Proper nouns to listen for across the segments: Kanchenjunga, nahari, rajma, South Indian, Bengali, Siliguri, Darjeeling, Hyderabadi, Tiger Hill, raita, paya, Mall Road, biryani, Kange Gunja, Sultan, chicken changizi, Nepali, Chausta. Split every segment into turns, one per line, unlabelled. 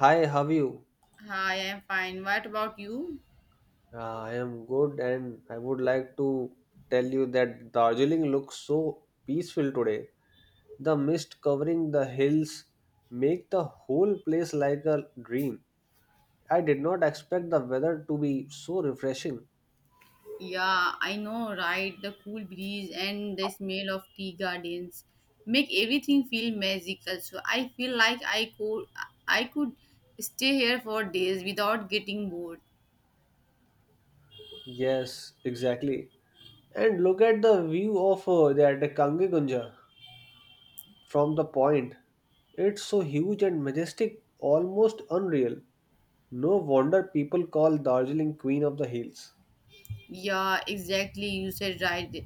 Hi, how are you?
Hi, I'm fine. What about you?
I am good, and I would like to tell you that Darjeeling looks so peaceful today. The mist covering the hills make the whole place like a dream. I did not expect the weather to be so refreshing.
Yeah, I know, right? The cool breeze and the smell of tea gardens make everything feel magical. So I feel like I could stay here for days without getting bored.
Yes, exactly. And look at the view of that Kange Gunja from the point. It's so huge and majestic, almost unreal. No wonder people call Darjeeling Queen of the Hills.
Yeah, exactly. You said right.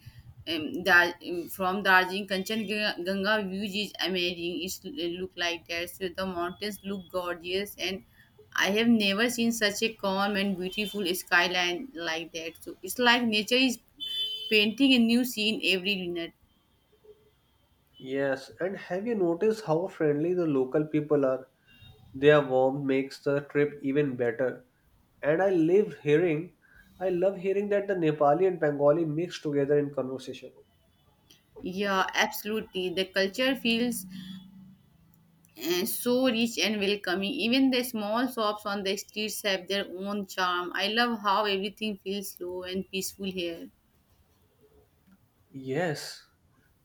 From Darjeeling, Kanchenjunga views is amazing. It look like that. So the mountains look gorgeous, and I have never seen such a calm and beautiful skyline like that. So it's like nature is painting a new scene every minute.
Yes, and have you noticed how friendly the local people are? Their warmth makes the trip even better. And I live hearing, I love hearing that the Nepali and Bengali mix together in conversation.
Yeah, absolutely. The culture feels so rich and welcoming. Even the small shops on the streets have their own charm. I love how everything feels slow and peaceful here.
Yes.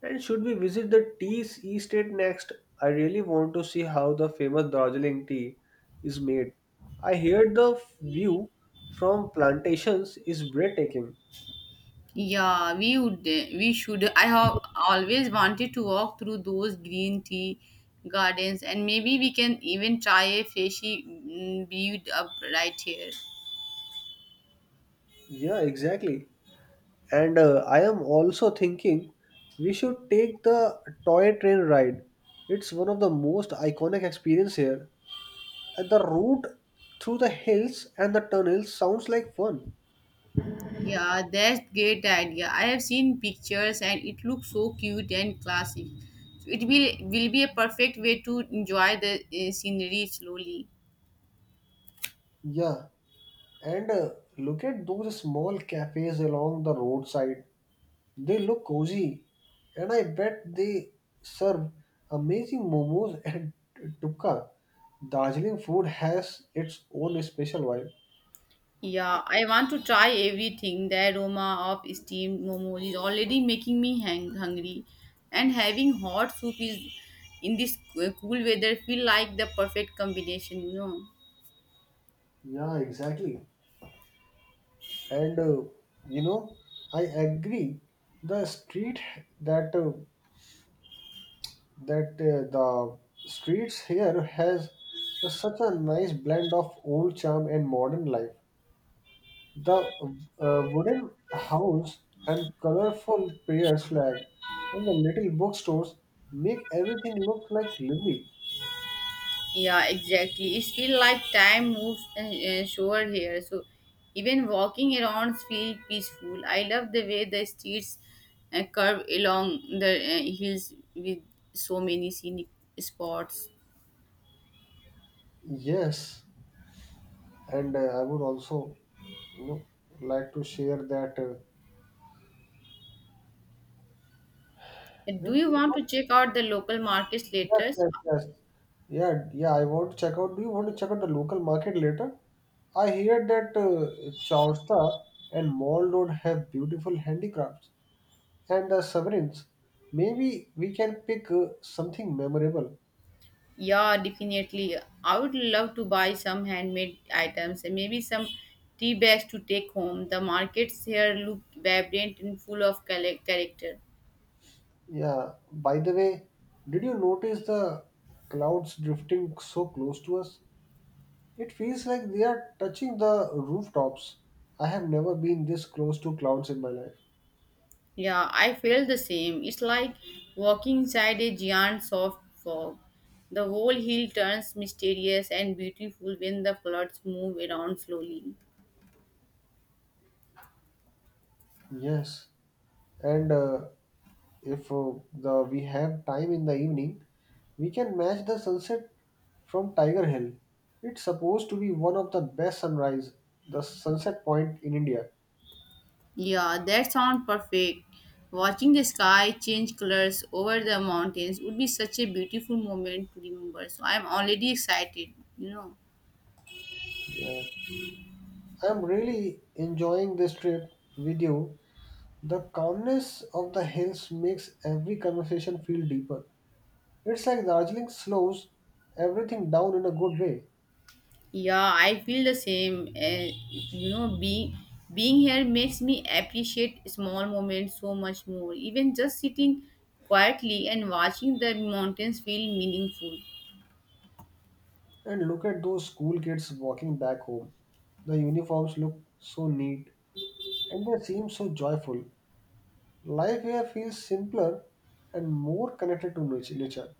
And should we visit the tea estate next? I really want to see how the famous Darjeeling tea is made. I hear the view from plantations is breathtaking.
Yeah, we would. We should. I have always wanted to walk through those green tea gardens, and maybe we can even try a fishy brewed up right here.
Yeah, exactly. And I am also thinking we should take the toy train ride. It's one of the most iconic experience here. And the route through the hills and the tunnels sounds like fun.
Yeah, that's great idea. I have seen pictures, and it looks so cute and classy. So it will be a perfect way to enjoy the scenery slowly.
Yeah. And look at those small cafes along the roadside. They look cozy. And I bet they serve amazing momos and tukka. Darjeeling food has its own special vibe.
Yeah, I want to try everything. The aroma of steamed momo is already making me hungry, and having hot soup is in this cool weather feel like the perfect combination. You know?
Yeah, exactly. And you know I agree the street that that the streets here has such a nice blend of old charm and modern life. The wooden house and colorful prayer flag and the little bookstores make everything look like lively.
Yeah, exactly. It feel like time moves slower here. So even walking around feel peaceful. I love the way the streets curve along the hills with so many scenic spots.
Yes, and I would also you know like to share that uh,
Do
that
you want to check out the local markets
yes,
later?
yes, yes. Yeah, yeah. I want to check out. Do you want to check out the local market later? I hear that Chausta and Mall Road have beautiful handicrafts and sovereigns. Maybe we can pick something memorable.
Yeah, definitely. I would love to buy some handmade items and maybe some tea bags to take home. The markets here look vibrant and full of character.
Yeah. By the way, did you notice the clouds drifting so close to us? It feels like they are touching the rooftops. I have never been this close to clouds in my life.
Yeah, I feel the same. It's like walking inside a giant soft fog. The whole hill turns mysterious and beautiful when the floods move around slowly.
Yes, and if the we have time in the evening, we can match the sunset from Tiger Hill. It's supposed to be one of the best sunrise, the sunset point in India.
Yeah, that sounds perfect. Watching the sky change colors over the mountains would be such a beautiful moment to remember. So I'm already excited, you know.
Yes. I'm really enjoying this trip with you. The calmness of the hills makes every conversation feel deeper. It's like Darjeeling slows everything down in a good way.
Yeah, I feel the same. You know, being here makes me appreciate small moments so much more. Even just sitting quietly and watching the mountains feel meaningful.
And look at those school kids walking back home. The uniforms look so neat and they seem so joyful. Life here feels simpler and more connected to nature.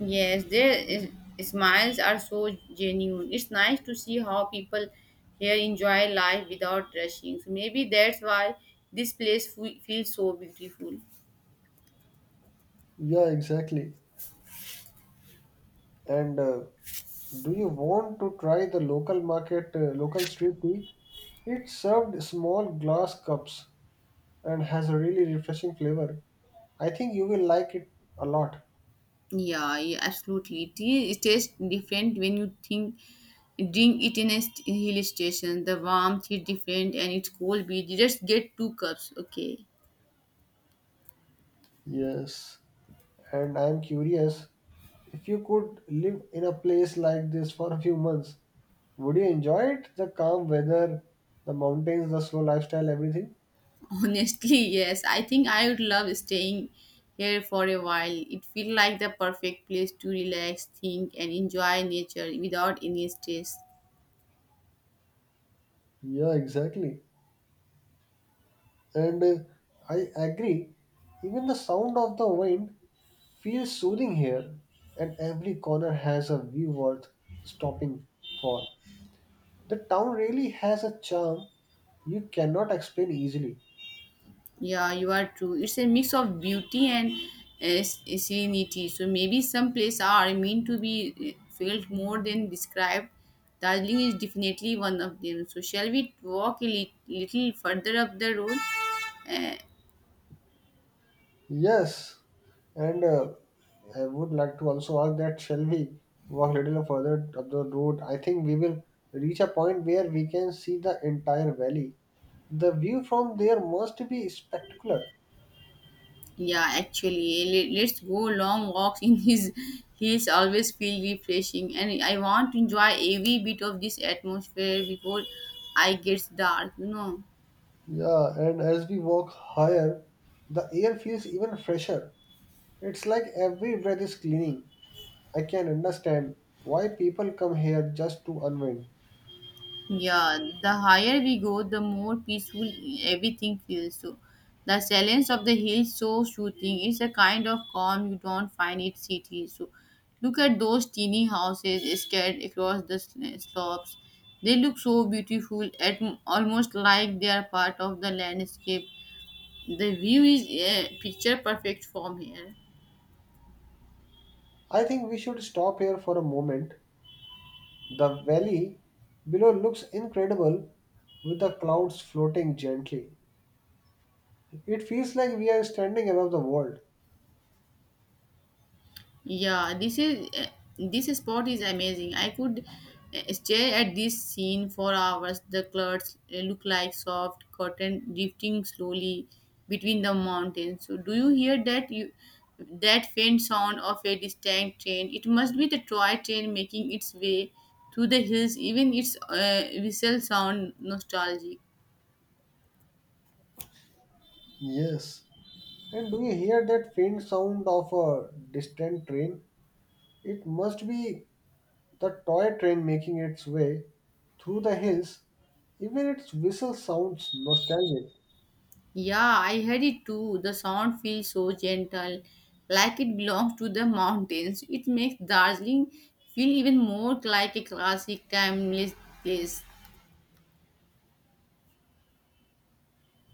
Yes, smiles are so genuine. It's nice to see how people here enjoy life without rushing. So maybe that's why this place feels so beautiful.
Yeah, exactly. And do you want to try the local market, local street tea? It's served small glass cups and has a really refreshing flavor. I think you will like it a lot.
Yeah, yeah absolutely. Tea it tastes different when you think drink it in a hill station. The warmth is different and it's cold beach. You just get two cups, okay?
Yes, and I'm curious if you could live in a place like this for a few months, would you enjoy it? The calm weather, the mountains, the slow lifestyle, everything?
Honestly, yes. I think I would love staying here for a while. It feels like the perfect place to relax, think, and enjoy nature without any stress.
Yeah, exactly. And I agree, even the sound of the wind feels soothing here, and every corner has a view worth stopping for. The town really has a charm you cannot explain easily.
Yeah, you are true. It's a mix of beauty and serenity. So maybe some places are meant to be felt more than described. Darjeeling is definitely one of them. So shall we walk a little further up the road?
Yes, and I would like to also ask that shall we walk a little further up the road? I think we will reach a point where we can see the entire valley. The view from there must be spectacular.
Yeah, actually, let's go long walks in his hills. Always feel refreshing, and I want to enjoy every bit of this atmosphere before I gets dark. You know.
Yeah, and as we walk higher, the air feels even fresher. It's like every breath is cleaning. I can understand why people come here just to unwind.
Yeah, the higher we go, the more peaceful everything feels. So, the silence of the hills so soothing. It's a kind of calm you don't find in cities. So, look at those teeny houses scattered across the slopes. They look so beautiful, at almost like they are part of the landscape. The view is picture perfect from here.
I think we should stop here for a moment. The valley below looks incredible with the clouds floating gently. It feels like we are standing above the world.
Yeah, this spot is amazing. I could stare at this scene for hours. The clouds look like soft cotton drifting slowly between the mountains. So, do you hear that faint sound of a distant train? It must be the toy train making its way through the hills. Even its whistle sound nostalgic.
Yes, and do you hear that faint sound of a distant train? It must be the toy train making its way through the hills. Even its whistle sounds nostalgic.
Yeah, I heard it too. The sound feels so gentle, like it belongs to the mountains. It makes Darjeeling feel even more like a classic, timeless place.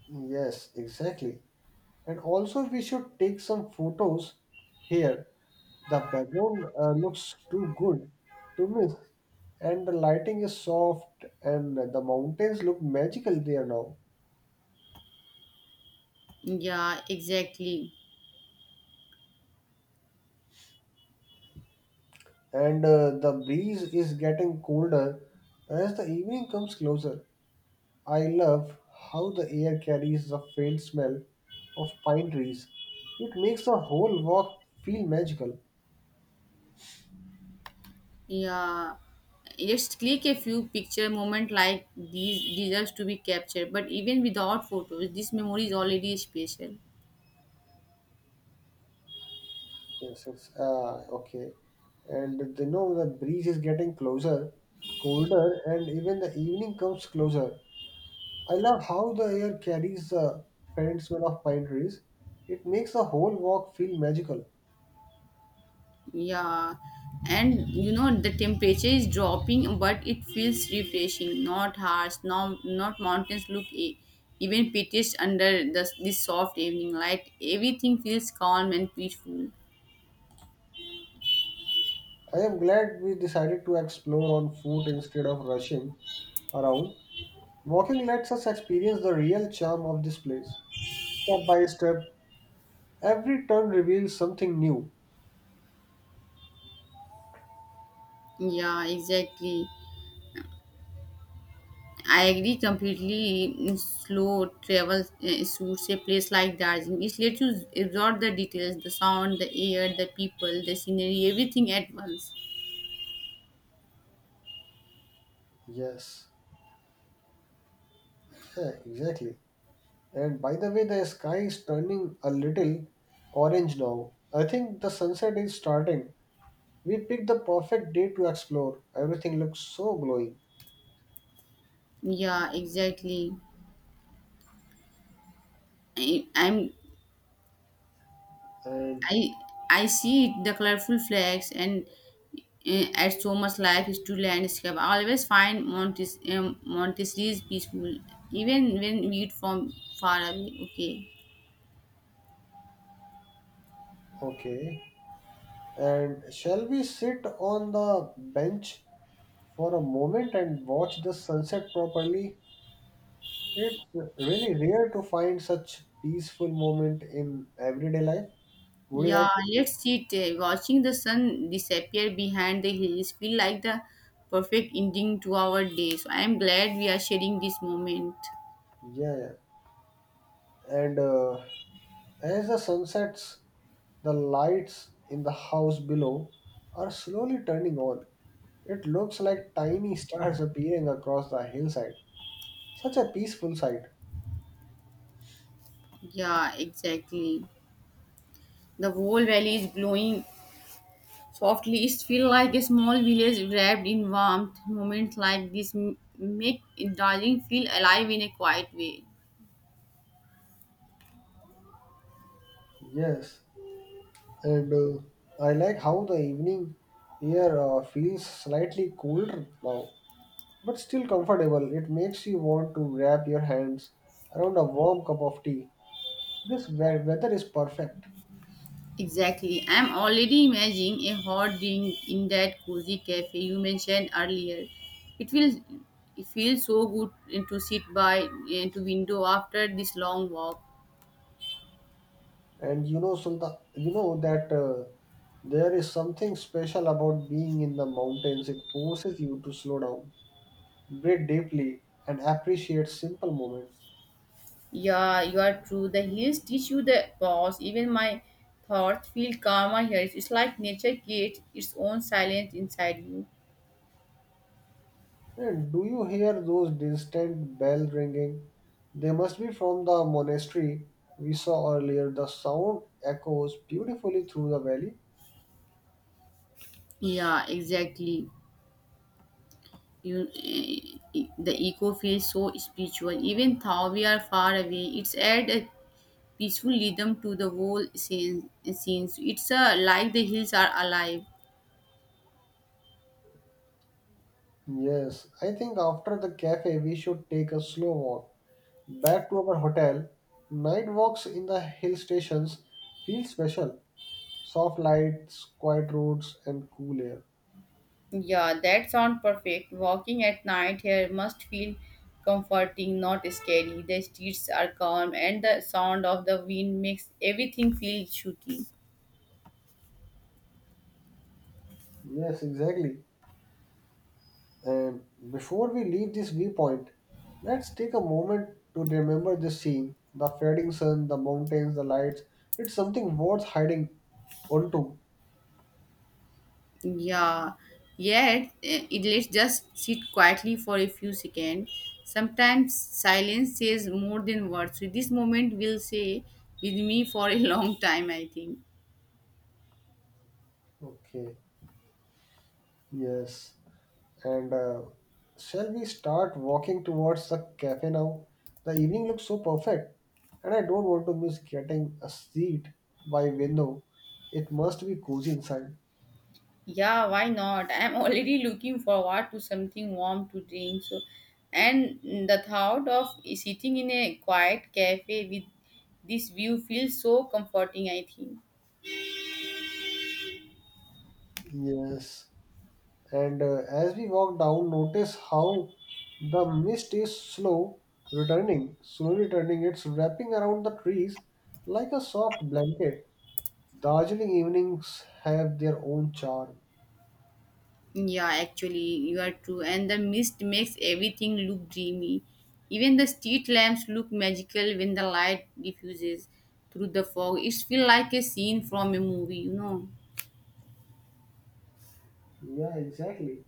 Yes, exactly. And also, we should take some photos here. The background looks too good to miss, and the lighting is soft, and the mountains look magical there now.
Yeah, exactly.
And the breeze is getting colder as the evening comes closer. I love how the air carries the faint smell of pine trees. It makes the whole walk feel magical.
Yeah, let's click a few picture moment like these deserves to be captured. But even without photos, this memory is already special.
Yes, it's okay. And you know the breeze is getting closer, colder, and even the evening comes closer. I love how the air carries the faint smell of pine trees. It makes the whole walk feel magical.
Yeah, and you know the temperature is dropping, but it feels refreshing, not harsh. No, not mountains look even piteous under this soft evening light. Everything feels calm and peaceful.
I am glad we decided to explore on foot instead of rushing around. Walking lets us experience the real charm of this place. Step by step, every turn reveals something new.
Yeah, exactly. I agree completely. Slow travel suits a place like Darjeeling. It lets you absorb the details, the sound, the air, the people, the scenery, everything at once.
Yes, yeah, exactly. And by the way, the sky is turning a little orange now. I think the sunset is starting. We picked the perfect day to explore. Everything looks so glowing.
Yeah, exactly. I, I'm
And
I I see it, the colorful flags and add so much life to landscape. I always find Montessori peaceful, even when viewed from far away. Okay.
okay. And shall we sit on the bench for a moment and watch the sunset properly? It's really rare to find such peaceful moment in everyday life. Would you
Yeah,
like to see?
let's sit. Watching the sun disappear behind the hills feel like the perfect ending to our day. So I am glad we are sharing this moment.
Yeah, yeah. And as the sun sets, the lights in the house below are slowly turning on. It looks like tiny stars appearing across the hillside. Such a peaceful sight.
Yeah, exactly. The whole valley is glowing softly it feels like a small village wrapped in warmth moments like this make darling feel alive in a quiet way
Yes, and I like how the evening here feels slightly colder now, but still comfortable. It makes you want to wrap your hands around a warm cup of tea. This weather is perfect,
exactly I'm already imagining a hot drink in that cozy cafe you mentioned earlier it feels it feels so good to sit by to window after this long walk
and you know, Sultan, you know that there is something special about being in the mountains. It forces you to slow down, breathe deeply, and appreciate simple moments.
yeah you are true the hills teach you the pause even my thoughts feel calmer here it's like nature creates its own silence inside you
And do you hear those distant bell ringing? They must be from the monastery we saw earlier. The sound echoes beautifully through the valley.
Yeah, exactly. The echo feels so spiritual. Even though we are far away, it's add a peaceful rhythm to the whole scenes. It's like the hills are alive.
Yes, I think after the cafe we should take a slow walk back to our hotel. Night walks in the hill stations feel special. Soft lights, quiet roads, and cool air.
Yeah, that sounds perfect. Walking at night here must feel comforting, not scary. The streets are calm, and the sound of the wind makes everything feel shooting.
Yes, exactly. And before we leave this viewpoint, let's take a moment to remember this scene, the fading sun, the mountains, the lights. It's something worth hiding onto.
Yeah, it lets just sit quietly for a few seconds. Sometimes silence says more than words. So this moment will say with me for a long time, I think.
Okay, yes. And shall we start walking towards the cafe now? The evening looks so perfect, and I don't want to miss getting a seat by window. It must be cozy inside.
Yeah, why not? I'm already looking forward to something warm to drink. So, and the thought of sitting in a quiet cafe with this view feels so comforting, I think.
Yes. And as we walk down, notice how the mist is slowly returning. It's wrapping around the trees like a soft blanket. Darjeeling evenings have their own charm.
Yeah, actually, you are true. And the mist makes everything look dreamy. Even the street lamps look magical when the light diffuses through the fog. It feels like a scene from a movie, you know.
Yeah, exactly.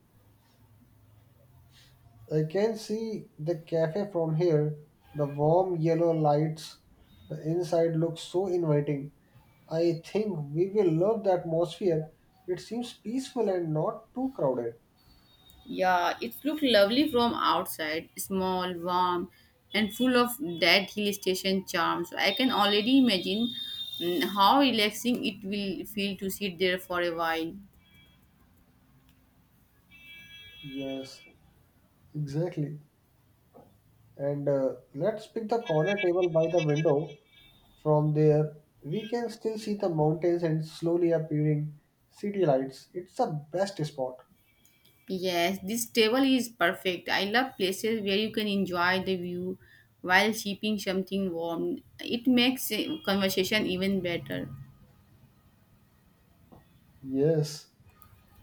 I can see the cafe from here, the warm yellow lights. The inside looks so inviting. I think we will love the atmosphere. It seems peaceful and not too crowded.
Yeah, it looks lovely from outside, small, warm, and full of that hill station charm. So I can already imagine how relaxing it will feel to sit there for a while.
Yes, exactly. And let's pick the corner table by the window. From there, we can still see the mountains and slowly appearing city lights. It's the best spot.
Yes, this table is perfect. I love places where you can enjoy the view while sipping something warm. It makes conversation even better.
Yes.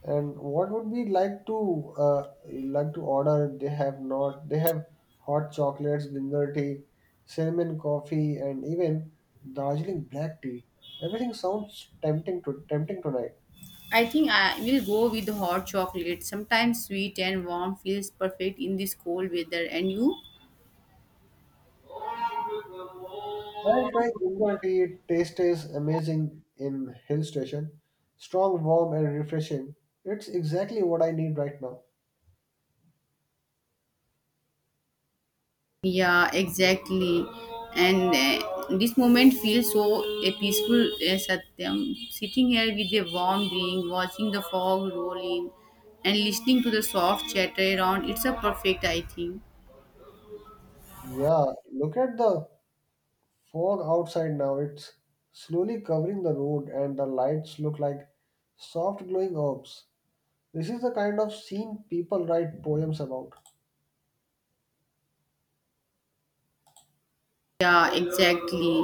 And what would we like to order? They have not. They have hot chocolates, ginger tea, cinnamon coffee, and even Darjeeling black tea. Everything sounds tempting tonight.
I think I will go with hot chocolate. Sometimes sweet and warm feels perfect in this cold weather. And you?
I'll try ginger tea. Taste is amazing in hill station. Strong, warm, and refreshing. It's exactly what I need right now.
Yeah, exactly. And this moment feels so a peaceful satyam. Sitting here with a warm drink, watching the fog roll in, and listening to the soft chatter around, it's a perfect, I think.
Yeah, look at the fog outside now. It's slowly covering the road, and the lights look like soft glowing orbs. This is the kind of scene people write poems about.
Yeah, exactly.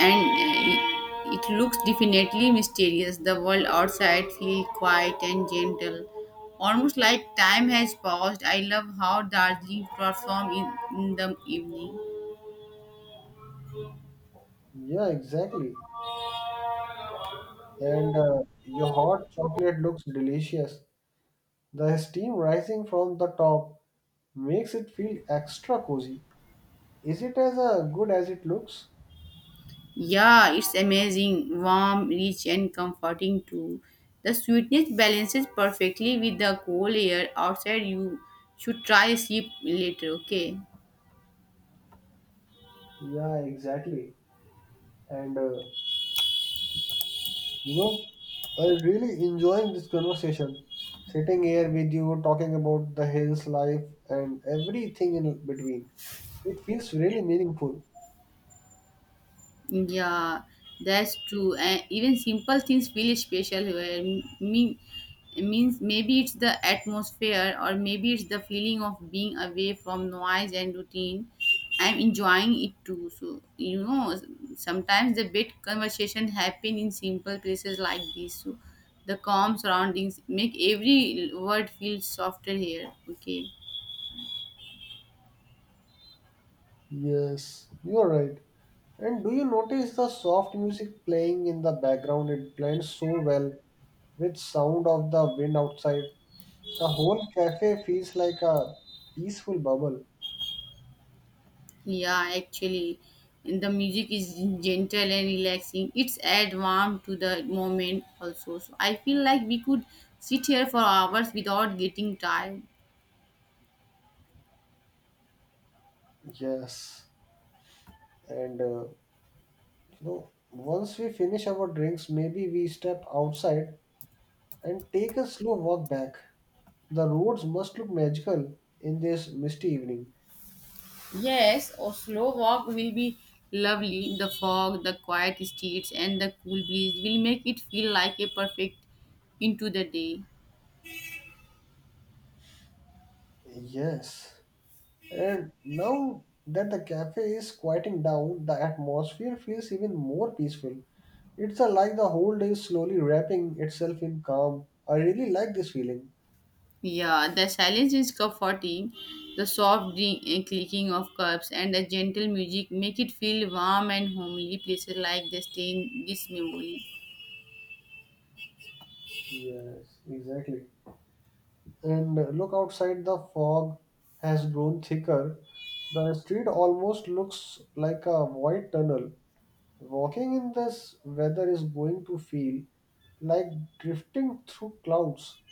And it looks definitely mysterious. The world outside feels quiet and gentle, almost like time has paused. I love how Darjeeling transforms in the evening.
Yeah, exactly. And your hot chocolate looks delicious. The steam rising from the top makes it feel extra cozy. Is it as good as it looks?
Yeah, it's amazing, warm, rich, and comforting too. The sweetness balances perfectly with the cold air outside. You should try a sip later, okay?
Yeah, exactly. And you know, I'm really enjoying this conversation. Sitting here with you, talking about the hills, life, and everything in between. It feels really meaningful.
Yeah, that's true. And even simple things feel special here. Me means maybe it's the atmosphere or maybe it's the feeling of being away from noise and routine. I'm enjoying it too. So you know, sometimes the best conversation happen in simple places like this. So the calm surroundings make every word feel softer here. Okay.
Yes, you're right. And do you notice the soft music playing in the background? It blends so well with sound of the wind outside. The whole cafe feels like a peaceful bubble.
Yeah, actually, and the music is gentle and relaxing. It's add warm to the moment also. So I feel like we could sit here for hours without getting tired.
Yes, and you know, once we finish our drinks, maybe we step outside and take a slow walk back. The roads must look magical in this misty evening.
Yes, a slow walk will be lovely. The fog, the quiet streets, and the cool breeze will make it feel like a perfect into the day.
Yes. And now that the cafe is quieting down, the atmosphere feels even more peaceful. It's like the whole day is slowly wrapping itself in calm. I really like this feeling.
Yeah, the silence is comforting. The soft clicking of cups and the gentle music make it feel warm and homely. Places like this stay in this memory.
Yes, exactly. And look outside, the fog has grown thicker. The street almost looks like a white tunnel. Walking in this weather is going to feel like drifting through clouds.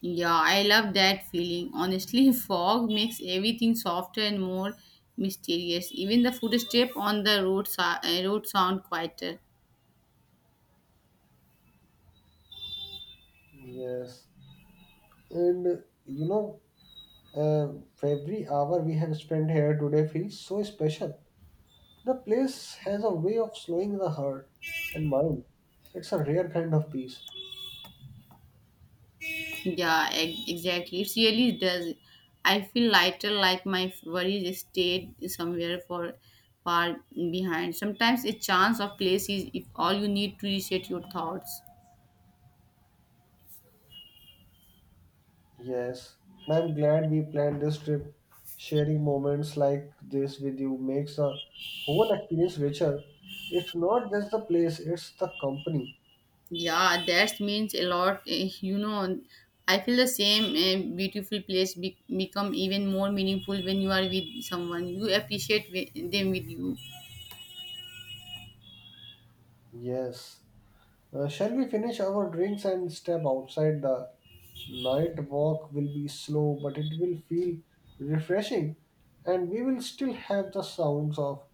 Yeah, I love that feeling. Honestly, fog makes everything softer and more mysterious. Even the footstep on the road, road sound quieter.
Yes, and you know, uh, every hour we have spent here today feels so special. The place has a way of slowing the heart and mind. It's a rare kind of peace.
Yeah, exactly. It really does. I feel lighter, like my worries stayed somewhere for far behind. Sometimes a chance of place is if all you need to reset your thoughts.
Yes, and I'm glad we planned this trip. Sharing moments like this with you makes the whole experience richer. It's not just the place, it's the company.
Yeah, that means a lot. You know, I feel the same. Beautiful place become even more meaningful when you are with someone. You appreciate them with you.
Yes. Shall we finish our drinks and step outside? The night walk will be slow, but it will feel refreshing, and we will still have the sounds of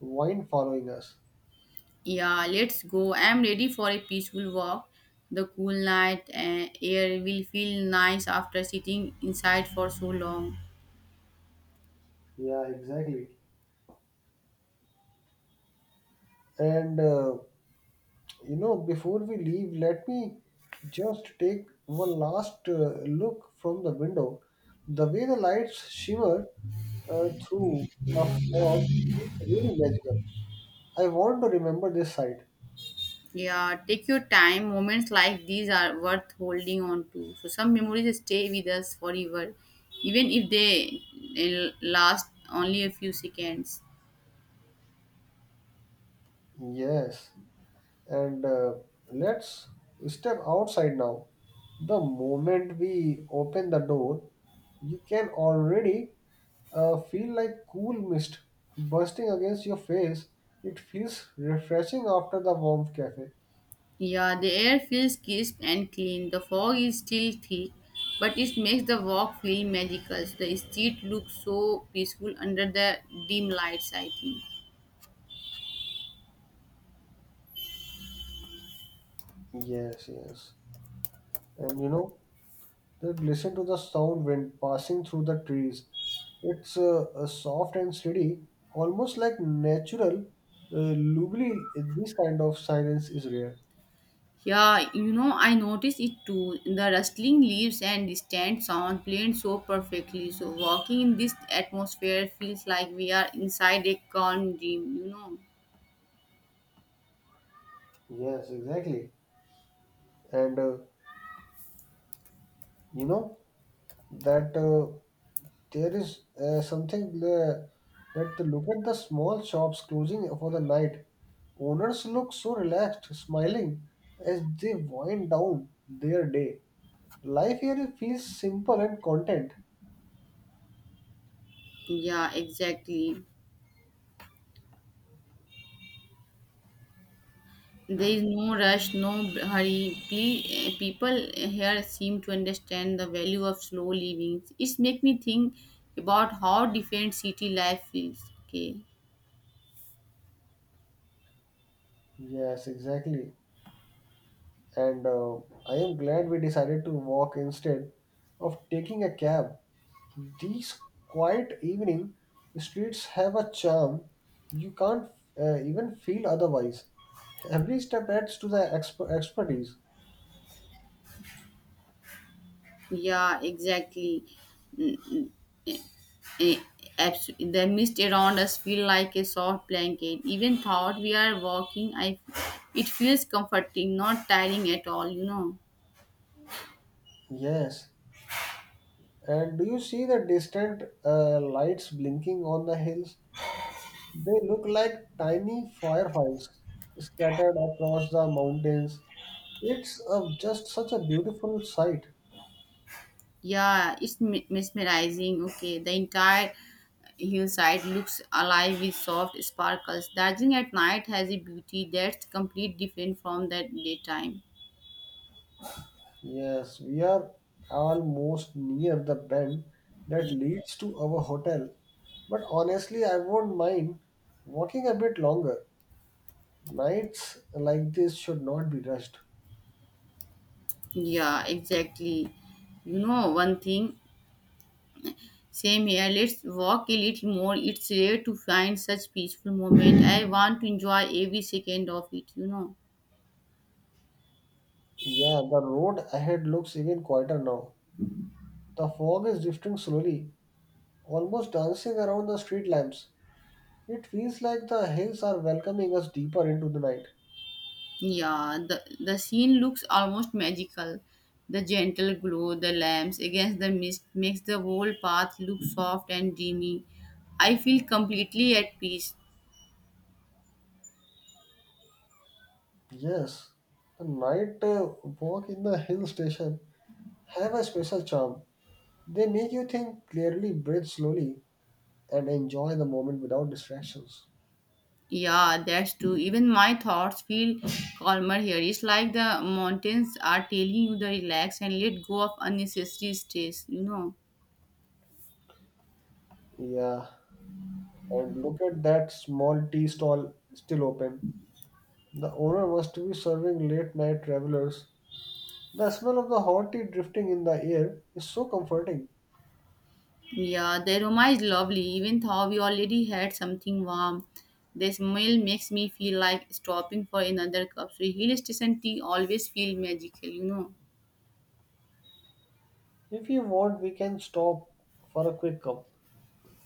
wine following us.
Yeah, let's go. I'm ready for a peaceful walk. The cool night air will feel nice after sitting inside for so long.
Yeah, exactly. And you know, before we leave, let me just take one last look from the window. The way the lights shimmer through the fog is really magical. I want to remember this sight.
Yeah, take your time. Moments like these are worth holding on to. So some memories stay with us forever, even if they last only a few seconds.
Yes. And let's step outside now. The moment we open the door, you can already feel like cool mist bursting against your face. It feels refreshing after the warm cafe.
Yeah, the air feels crisp and clean. The fog is still thick, but it makes the walk feel magical. The street looks so peaceful under the dim lights, I think.
Yes, yes. And you know, then listen to the sound wind passing through the trees. It's soft and steady, almost like natural. Lovely. This kind of silence is rare.
Yeah, you know, I noticed it too. The rustling leaves and distant sound played so perfectly. So, walking in this atmosphere feels like we are inside a calm dream, you know.
Yes, exactly. And you know that there is something that to look at the small shops closing for the night. Owners look so relaxed, smiling as they wind down their day. Life here feels simple and content.
Yeah, exactly. There is no rush, no hurry. People here seem to understand the value of slow living. It makes me think about how different city life is. Okay.
Yes, exactly. And I am glad we decided to walk instead of taking a cab. These quiet evening streets have a charm you can't even feel otherwise. Every step adds to the expertise.
Yeah, exactly. Eh, The mist around us feel like a soft blanket. Even thought we are walking, I it feels comforting, not tiring at all. You know.
Yes. And do you see the distant lights blinking on the hills? They look like tiny fireflies scattered across the mountains. It's just such a beautiful sight.
Yeah, it's mesmerizing. Okay, the entire hillside looks alive with soft sparkles. Darjeeling at night has a beauty that's completely different from the daytime.
Yes, we are almost near the bend that leads to our hotel. But honestly, I won't mind walking a bit longer. Nights like this should not be rushed.
Yeah, exactly. You know, one thing, same here. Let's walk a little more. It's rare to find such peaceful moment. I want to enjoy every second of it, you know.
Yeah, the road ahead looks even quieter now. The fog is drifting slowly, almost dancing around the street lamps. It feels like the hills are welcoming us deeper into the night.
Yeah, the scene looks almost magical. The gentle glow, the lamps against the mist makes the whole path look soft and dreamy. I feel completely at peace.
Yes, the night walk in the hill station have a special charm. They make you think clearly, breathe slowly, and enjoy the moment without distractions.
Yeah, that's true. Even my thoughts feel calmer here. It's like the mountains are telling you to relax and let go of unnecessary stress, you know.
Yeah, and look at that small tea stall still open. The owner must be serving late night travelers. The smell of the hot tea drifting in the air is so comforting.
Yeah, the aroma is lovely. Even though we already had something warm, the smell makes me feel like stopping for another cup. So hill station tea always feel magical, you know.
If you want, we can stop for a quick cup.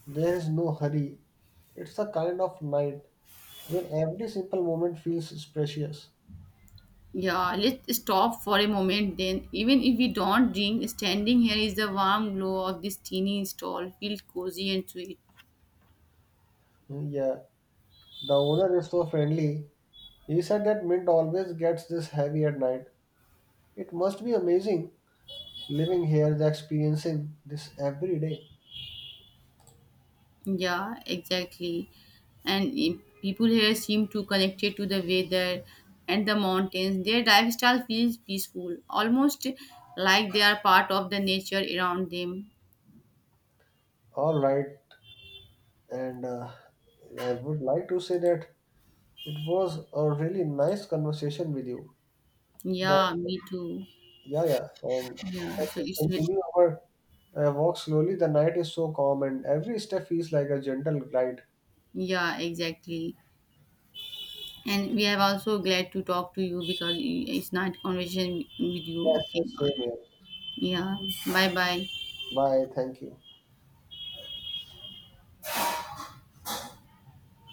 There is no hurry. It's the kind of night where every simple moment feels precious.
Yeah, let's stop for a moment then. Even if we don't drink, standing here is the warm glow of this teeny stall. Feel cozy and sweet.
Yeah, the owner is so friendly. He said that Mint always gets this heavy at night. It must be amazing living here and experiencing this every day.
Yeah, exactly. And people here seem to connected to the weather and the mountains. Their lifestyle feels peaceful, almost like they are part of the nature around them.
All right, and I would like to say that it was a really nice conversation with you. That
Yeah, me too.
Yeah, yeah, and
Yeah,
so
so
we
it's
continue our walk slowly. The night is so calm, and every step feels like a gentle glide.
yeah, exactly. And we are also glad to talk to you because it's not conversation with you.
Yes,
Okay.
yes, same here.
Yeah. Bye bye.
Bye. Thank you.